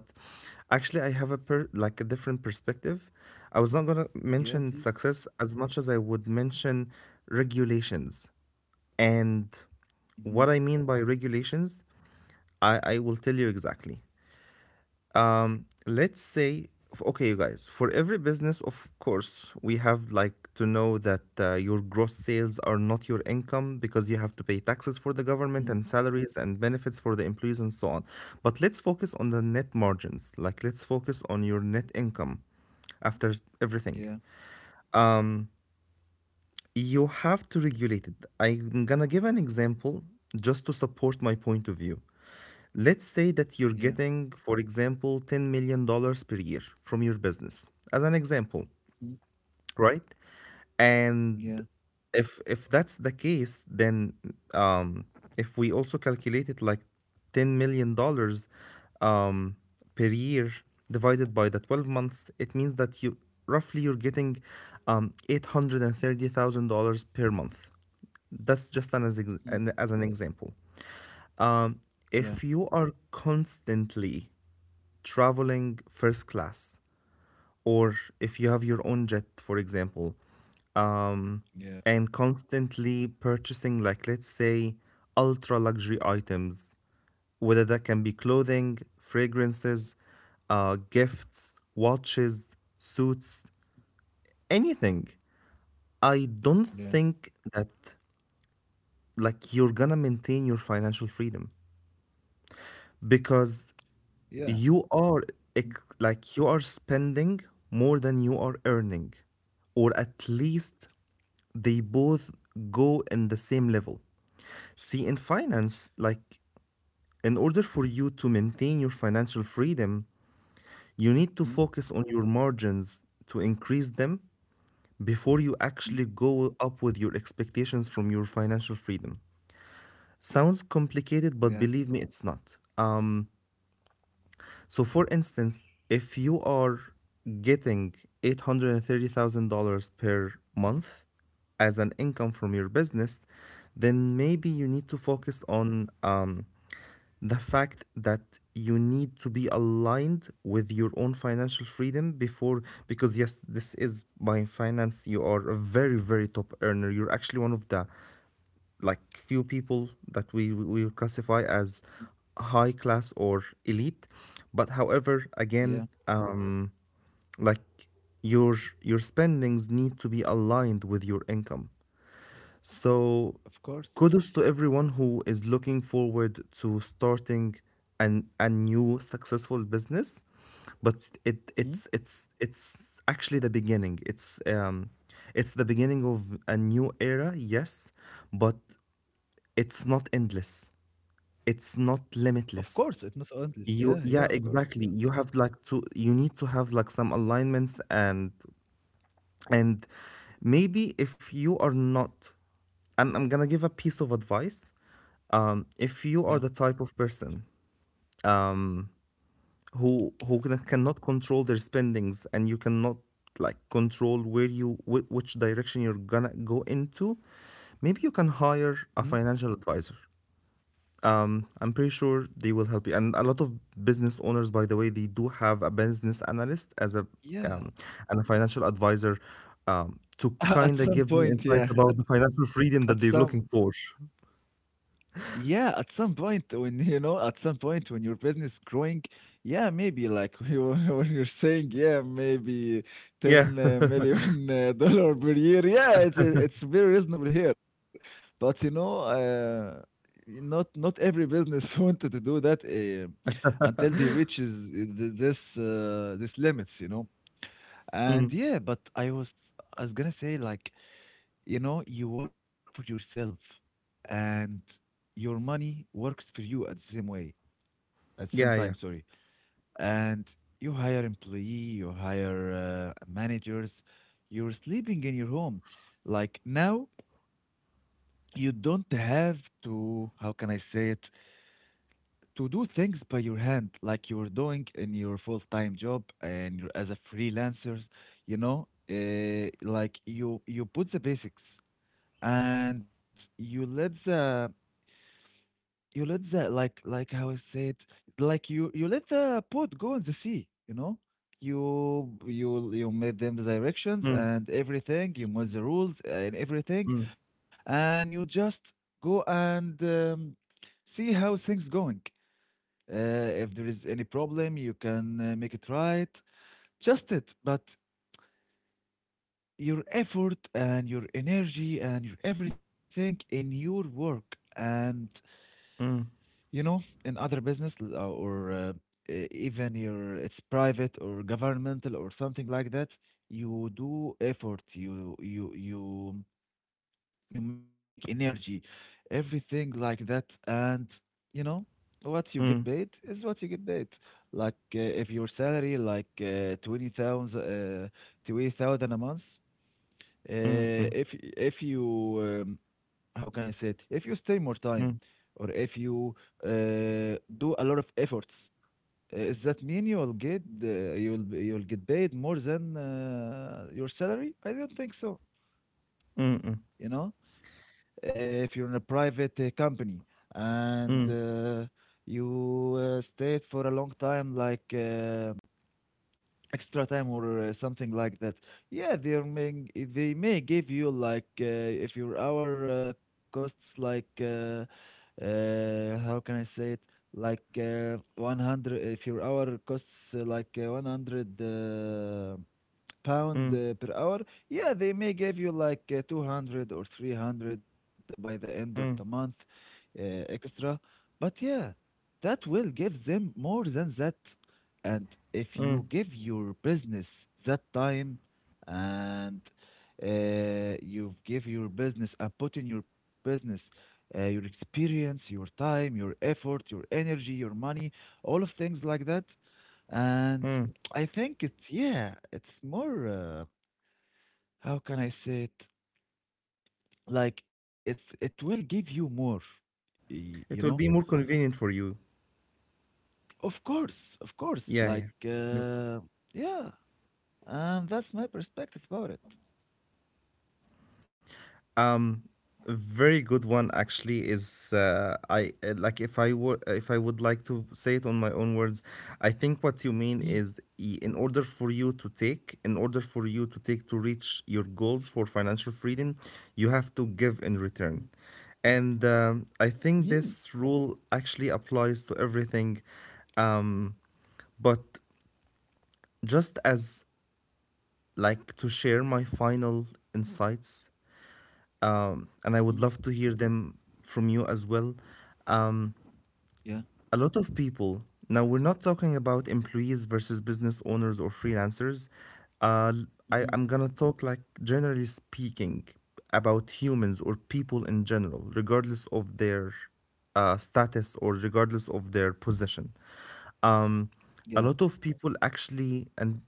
S2: actually, I have a like a different perspective. I was not gonna
S1: Yeah,
S2: mention
S1: please.
S2: success as much as I would mention regulations. And
S1: Mhm.
S2: what I mean by regulations, I will tell you exactly. Let's say okay, you guys, for every business, of course, we have like to know that your gross sales are not your income because you have to pay taxes for the
S1: Mhm.
S2: government and salaries and benefits for the employees and so on. But let's focus on the net margins, like let's focus on your net income after everything.
S1: Yeah,
S2: You have to regulate it. I'm gonna give an example just to support my point of view. Let's say that
S1: yeah.
S2: you're getting, for example, $10 million per year from your business, as an example,
S1: Mm,
S2: right? And
S1: yeah,
S2: if that's the case, then um, if we also calculate it like $10 million um, per year divided by the 12 months, it means that you roughly you're getting $830,000 per month. That's just an, as,
S1: mm,
S2: ex- an, as an example. Um,
S1: yeah,
S2: if you are constantly traveling first class, or if you have your own jet, for example, um,
S1: yeah,
S2: and constantly purchasing, like, let's say, ultra luxury items, whether that can be clothing, fragrances, gifts, watches, suits, anything, I don't
S1: yeah,
S2: think that, like, you're gonna maintain your financial freedom because
S1: yeah,
S2: you are
S1: mm,
S2: like you are spending more than you are earning, or at least they both go in the same level. See, in finance, like, in order for you to maintain your financial freedom, you need to
S1: mm,
S2: focus on your margins to increase them before you
S1: mm,
S2: actually go up with your expectations from your financial freedom. Sounds
S1: yeah,
S2: complicated, but believe me, it's not. So, for instance, if you are getting $830,000 per month as an income from your business, then maybe you need to focus on the fact that you need to be aligned with your own financial freedom before, because yes, this is by finance, you are a very, very top earner. You're actually one of the like few people that we would classify
S1: mm,
S2: as high class or elite. But however,
S1: yeah,
S2: again, like, your spendings need to be aligned with your income.
S1: of
S2: So
S1: course.
S2: kudos to everyone who is looking forward to starting an a new successful business, but it
S1: Mhm.
S2: it's it's it's actually the beginning. It's the beginning of a new era, yes, but it's not endless. It's not
S1: Of course,
S2: limitless.
S1: it's not endless. Yeah,
S2: You
S1: yeah,
S2: Yeah,
S1: of course. Yeah,
S2: exactly. You have like to you need to have like some alignments. And and maybe, if you are not, I'm gonna give a piece of advice. If
S1: yeah,
S2: you are the type of person um who cannot control their spendings, and you cannot like control where you which direction you're gonna go into, maybe you can hire
S1: mhm,
S2: a financial advisor. I'm pretty sure they will help you. And a lot of business owners, by the way, they do have a business analyst as a
S1: yeah.
S2: um, and a financial advisor, to
S1: At
S2: kind of
S1: some
S2: give them
S1: point,
S2: insights
S1: yeah,
S2: about the financial
S1: at
S2: freedom that
S1: some.
S2: they're looking for.
S1: Yeah, at some point when you know, at some point when your business growing, yeah, maybe like you when you're saying, yeah, maybe
S2: Yeah.
S1: ten million dollar per year, yeah, it's very reasonable here. But you know, not every business wanted to do that until they reaches this limits, you know.
S2: Mm.
S1: And yeah, but I was gonna say, like you know, you work for yourself and your money works for you at the same way, at the same
S2: Yeah,
S1: time,
S2: yeah.
S1: sorry. And you hire employee, you hire managers, you're sleeping in your home. Like now, you don't have to, how can I say it, to do things by your hand like you were doing in your full-time job, and you're as a freelancers, you know, like you put the basics, and you let the like how I said like you let the boat go in the sea. You know, you made them the directions
S2: Mm,
S1: and everything, you made the rules and everything.
S2: mm,
S1: And you just go and see how things going. If there is any problem, you can make it right, just it. But your effort and your energy and your everything in your work, and
S2: mm,
S1: you know, in other business even your, it's private or governmental or something like that, you do effort, you make energy, everything like that, and you know what you get
S2: mm,
S1: paid is what you get paid. Like if your salary like 20,000 20,000 a month,
S2: mm, mm,
S1: if you how can I say it? If you stay more time,
S2: mm, mm,
S1: or if you do a lot of efforts, does that mean you will get you'll get paid more than your salary? I don't think so.
S2: mm,
S1: You know, if you're in a private company, and
S2: mm,
S1: you stayed for a long time, like. Extra time or something like that, yeah, they may give you like, if your hour costs like, how can I say it, like 100, if your hour costs like 100
S2: mm,
S1: pound per hour, yeah, they may give you like 200 or 300 by the end of the
S2: mm,
S1: month, uh, extra. But yeah, that will give them more than that. And if
S2: mm,
S1: you give your business that time, and you give your business and put in your business your experience, your time, your effort, your energy, your money, all of things like that. And
S2: mm.
S1: I think it's, yeah, it's more, how can I say it? Like it will give you more, you know?
S2: It will be more convenient for you.
S1: Of course, of course.
S2: Yeah,
S1: Like
S2: yeah.
S1: yeah, and that's my perspective about it.
S2: Um, a very good one actually is I like if I were if I would like to say it on my own words, I think what you mean
S1: Mhm.
S2: is in order for you to take, in order for you to take to reach your goals for financial freedom, you have to give in
S1: Mhm.
S2: return. And I
S1: Mhm.
S2: think this rule actually applies to everything. Um, but just as like to share my final insights,
S1: Mhm.
S2: and I would love to hear them from you as well.
S1: Yeah.
S2: A lot of people, now we're not talking about employees versus business owners or freelancers. Uh, I,
S1: Mhm.
S2: I'm gonna talk like generally speaking about humans or people in general, regardless of their status, or regardless of their position. Um,
S1: Yeah.
S2: a lot of people actually, and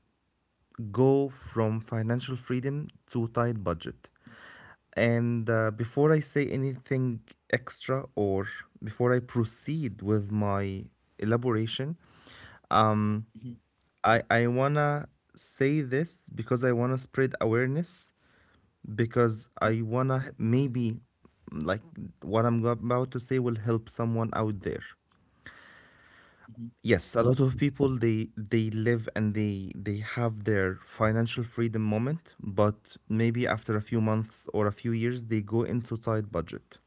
S2: go from financial freedom to tight budget. And before I say anything extra, or before I proceed with my elaboration, um,
S1: Mhm.
S2: I want to say this because I want to spread awareness, because
S1: Mhm.
S2: I want to maybe, like, what I'm about to say will help someone out there.
S1: Mhm.
S2: Yes, a lot of people, they live and they have their financial freedom moment, but maybe after a few months or a few years they go into tight budget.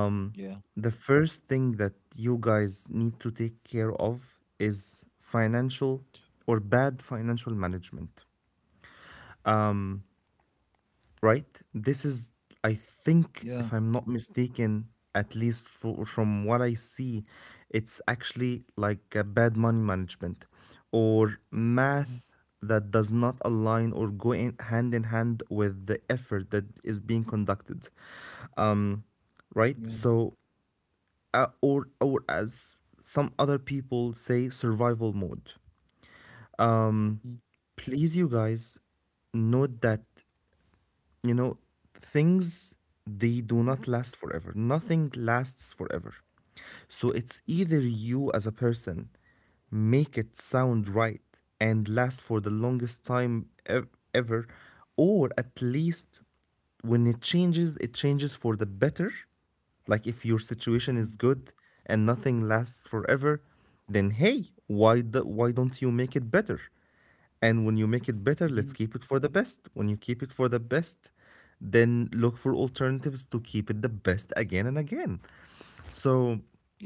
S1: Yeah.
S2: the first thing that you guys need to take care of is financial or bad financial management. Right? This is, I
S1: Yeah.
S2: think, if I'm not mistaken, at least from what I see, it's actually like a bad money management or
S1: Mhm.
S2: math that does not align or go in hand with the effort that is being conducted. Um,
S1: Yeah.
S2: right? So, or as some other people say, survival mode. Um,
S1: Mhm.
S2: please, you guys, note that, you know, things,
S1: Mhm.
S2: they do not last forever. Nothing lasts forever. So it's either you as a person make it sound right and last for the longest time ever, or at least when it changes for the better. Like, if your
S1: Mhm.
S2: situation is good and nothing lasts forever, then hey, why don't you make it better? And when you make it better, let's
S1: Mhm.
S2: keep it for the best. When you keep it for the best, then look for alternatives to keep it the best again and again. So
S1: Yeah.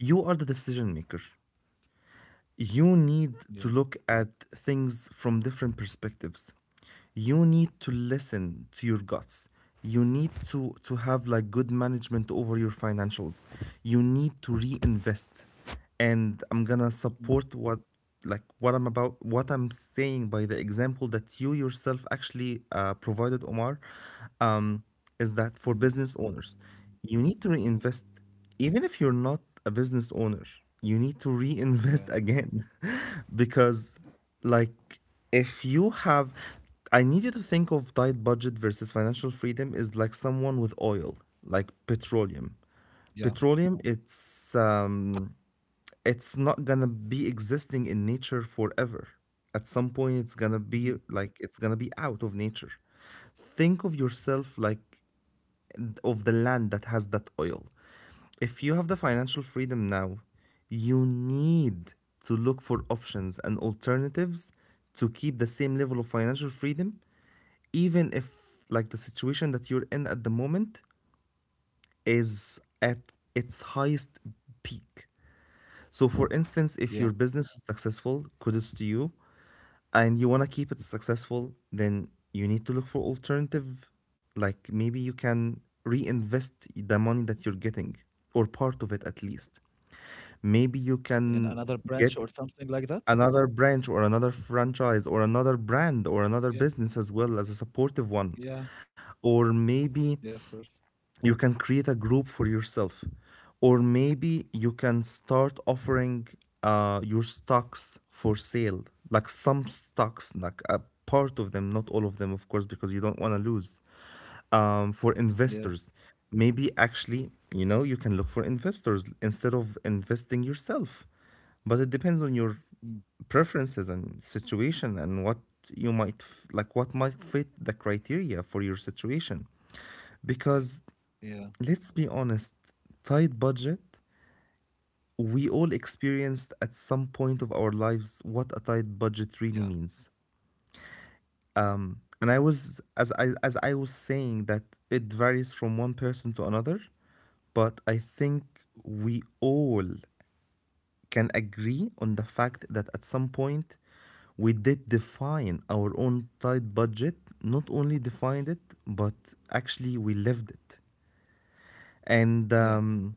S2: you are the decision maker. You need to
S1: Yeah.
S2: look at things from different perspectives. You need to listen to your guts. You need to have like good management over your financials. You need to reinvest. And I'm gonna
S1: Mhm.
S2: support what like what I'm about what I'm saying by the example that you yourself actually provided, Omar. um, is
S1: Mhm.
S2: that for business owners, you need to reinvest. Even if you're not a business owner, you need to
S1: Yeah.
S2: reinvest again. Because, like, if you have, I need you to think of diet budget versus financial freedom is like someone with oil, like petroleum.
S1: Yeah.
S2: Petroleum, it's not gonna be existing in nature forever. At some point, it's gonna be
S1: Mhm.
S2: out of nature. Think of yourself like of the land that has that oil. If you have the financial freedom now, you need to look for options and alternatives to keep the same level of financial freedom, even if like the situation that you're in at the moment is at its highest peak. So, for instance, if
S1: Yeah.
S2: your business is successful, kudos to you, and you want to keep it successful, then you need to look for alternative. Like, maybe you can reinvest the money that you're getting, or part of it at least. Maybe you
S1: In another
S2: can
S1: branch or
S2: get
S1: something like that?
S2: another branch or another franchise or another brand or another
S1: Yeah.
S2: business as well as a supportive one.
S1: Yeah.
S2: Or
S1: Yeah, of
S2: maybe
S1: course.
S2: you can create a group for yourself, or maybe you can start offering your stocks for sale, like some stocks, like a part of them, not all of them of course, because you don't want to lose. For
S1: Yeah.
S2: investors, maybe, actually, you know, you can look for investors instead of investing yourself. But it depends on your
S1: Mm.
S2: preferences and situation, and what you might f- like what might fit the criteria for your situation.
S1: Yeah.
S2: Because
S1: Yeah.
S2: let's be honest, tight budget, we all experienced at some point of our lives what a tight budget really
S1: Yeah.
S2: means.
S1: Yeah.
S2: And I was, as I was saying, that it varies from one person to another, but I think we all can agree on the fact that at some point we did define our own tight budget, not only defined it, but actually we lived it.
S1: Yeah.
S2: And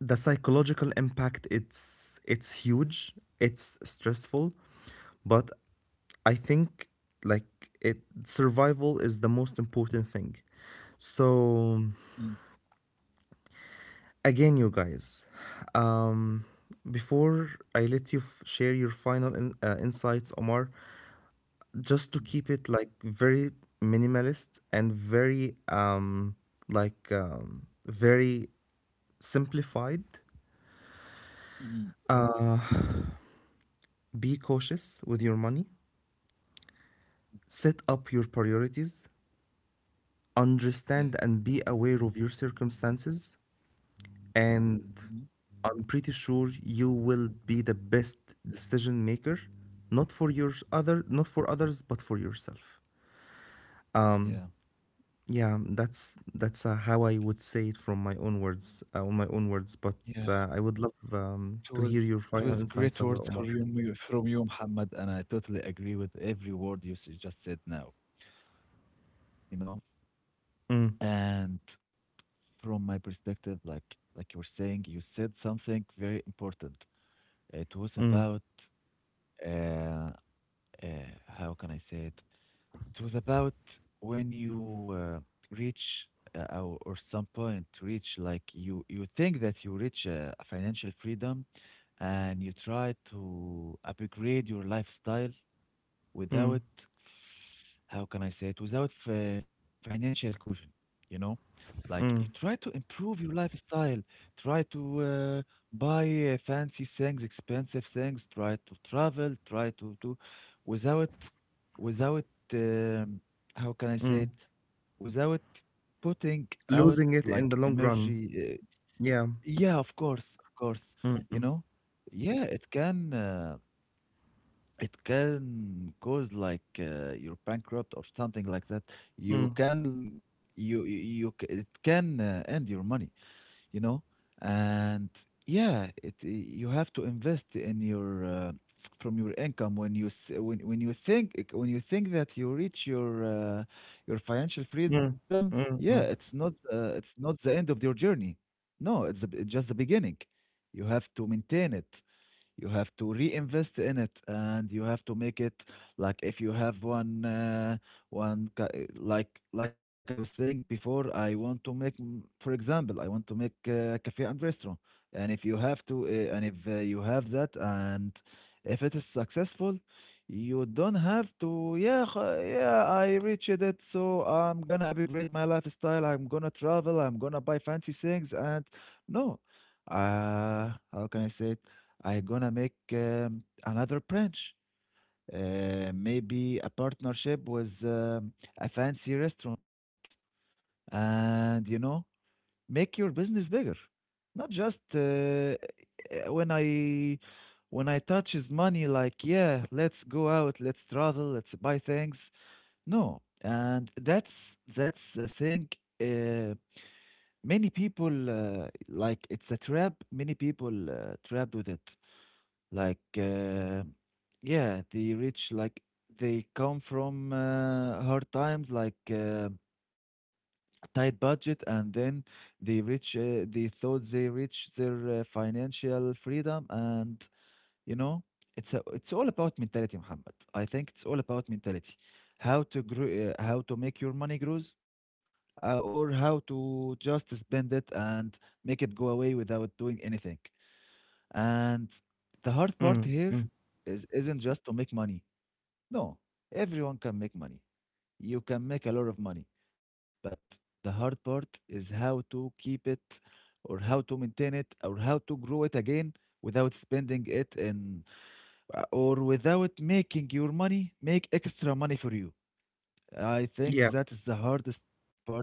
S2: the psychological impact, it's huge, it's stressful, but I think, like, it survival is the most important thing. So
S1: Mm.
S2: again, you guys, um before I let you share your final insights, Omar, just to
S1: Mm.
S2: keep it like very minimalist and very very simplified,
S1: Mm.
S2: be cautious with your money, set up your priorities,
S1: Yeah.
S2: understand and be aware of your circumstances, and
S1: Mhm.
S2: I'm pretty sure you will be the best decision maker, not for your other, not for others, but for yourself.
S1: Yeah.
S2: Yeah, that's how I would say it from my own words, on my own words. But
S1: Yeah.
S2: I would love
S1: It
S2: to hear
S1: was
S2: your
S1: it
S2: final
S1: was
S2: insights
S1: great
S2: of that,
S1: words for
S2: Omar.
S1: you, from you, Muhammad, and I totally agree with every word just said now. You know,
S2: Mm,
S1: and from my perspective, like you were saying, you said something very important. It was about uh, uh how can I say it? It was about when you reach or some point reach like you think that you reach financial freedom, and you try to upgrade your lifestyle
S2: mm,
S1: without, how can I say it, without financial cushion, you know? Like you try
S2: mm,
S1: to improve your lifestyle, try to uh, buy fancy things, expensive things, try to travel, try to do without, without, um, how can I say
S2: mm.
S1: it, without putting out
S2: Losing
S1: like
S2: it in the long run.
S1: energy. Uh,
S2: Yeah.
S1: yeah, of course, you
S2: Mm,
S1: know? Yeah, it can. It can cause like you're bankrupt or something like that. You
S2: mm,
S1: can you you you c- It can end your money, you know. And yeah, it you have to invest in your from your income when when you think when you think that you reach your financial
S2: mm,
S1: freedom. Yeah,
S2: mm, mm,
S1: it's not the end of your journey. No, it's just the beginning. You have to maintain it. You have to reinvest in it, and you have to make it like if you have one, one like I was saying before. I want to make, mm, for example, I want to make a cafe and restaurant. And if you have to, and if you have that, and if it is successful, you don't have to. Yeah, yeah, I reached it, so I'm gonna upgrade my lifestyle. I'm gonna travel. I'm gonna buy fancy things, and no, how can I say it? I gonna make another branch, maybe a partnership with a fancy restaurant, and you know, make your business bigger. Not just when I touch his money, like yeah, let's go out, let's travel, let's buy things. No, and that's the thing. Uh, Many people like it's a trap. Many people trapped with it. Like, yeah, the rich, like, they come from hard times, like tight budget, and then they reach, they thought they reached their financial freedom, and you know, it's all about mentality, Muhammad. I think it's all about mentality, how to grow, how to make your money grows, or how to just spend it and make it go away without doing anything. And the hard part
S2: mm,
S1: here
S2: mm.
S1: is isn't just to make money. No, everyone can make money. You can make a lot of money, but the hard part is how to keep it or how to maintain it or how to grow it again without spending it in or without making your money make extra money for you. I think
S2: Yeah,
S1: that is the hardest part here.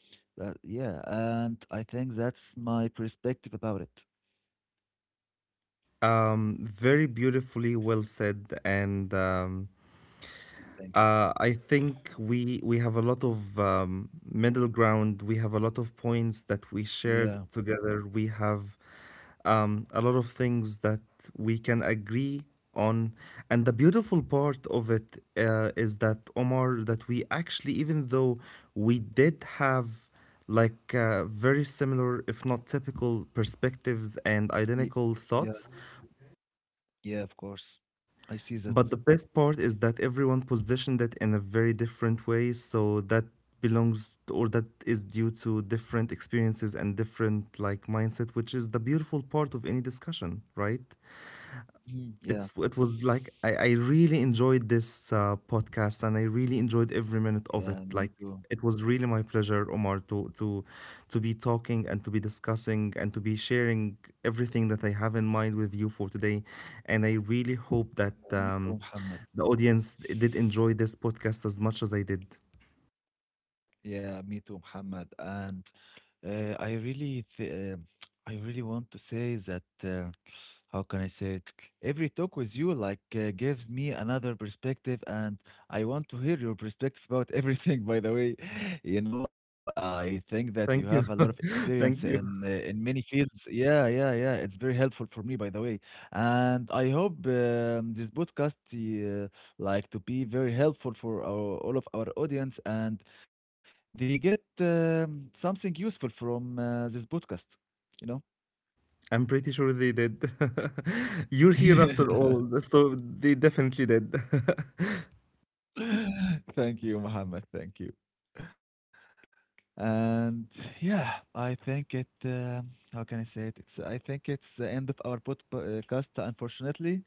S1: Yeah, and I think that's my perspective about it.
S2: very beautifully well said. And
S1: Thank you, Muhammad.
S2: I think we have a lot of middle ground. We have a lot of points that we
S1: Yeah.
S2: shared together. We have a lot of things that we can agree on, and the beautiful part of it, is that, Omar, that we actually, even though we did have like very similar, if not typical, perspectives and
S1: ye-
S2: identical
S1: Yeah.
S2: thoughts.
S1: Yeah, of course. I see that.
S2: But the best part is that everyone positioned it in a very different way, so that belongs or that is due to different experiences and different like mindset, which is the beautiful part of any discussion, right?
S1: Mhm. Yeah,
S2: it's It was like, I really enjoyed this podcast, and I really enjoyed every minute of it.
S1: yeah, me
S2: Like,
S1: too.
S2: it was really my pleasure, Omar, to be talking and to be discussing and to be sharing everything that I have in mind with you for today. And I really hope that
S1: Me too, Muhammad.
S2: the audience did enjoy this podcast as much as I did.
S1: Yeah, me too, Muhammad. And I really, I really want to say that. How can I say it? Every talk with you like gives me another perspective, and I want to hear your perspective about everything. By the way, you know, I think that you have a lot
S2: Thank
S1: of
S2: you.
S1: experience
S2: Thank you.
S1: in many fields. Yeah, yeah, yeah. It's very helpful for me, by the way, and I hope this podcast like to be very helpful for our, all of our audience, and they get something useful from this podcast. You know.
S2: I'm pretty sure they did. You're here after all, so they definitely did.
S1: Thank you, Mohammed. Thank you. And yeah, I think it. How can I say it? It's. I think it's the end of our podcast, unfortunately.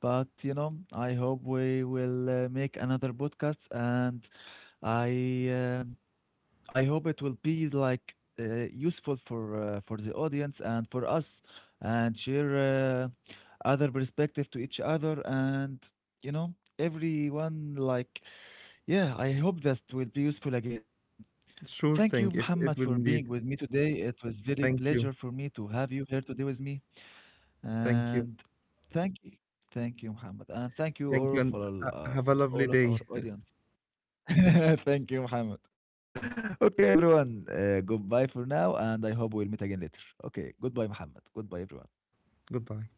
S1: But you know, I hope we will make another podcast, and I. um I hope it will be like useful for the audience and for us, and share uh, other perspective to each other, and you know, everyone like yeah, I hope that will be useful again. Thank you,
S2: Sure thing.
S1: Muhammad,
S2: It
S1: for
S2: it
S1: being
S2: will
S1: with me
S2: indeed.
S1: today. It was very pleasure
S2: Thank
S1: for
S2: you.
S1: me to have you here today with me.
S2: Thank you.
S1: And thank you. Thank you, Muhammad. And thank you
S2: Thank you,
S1: all for
S2: and have a lovely
S1: all of our
S2: day.
S1: audience. Thank you, Muhammad. Okay, everyone. Goodbye for now, and I hope we'll meet again later. Okay, goodbye, Muhammad. Goodbye, everyone.
S2: Goodbye.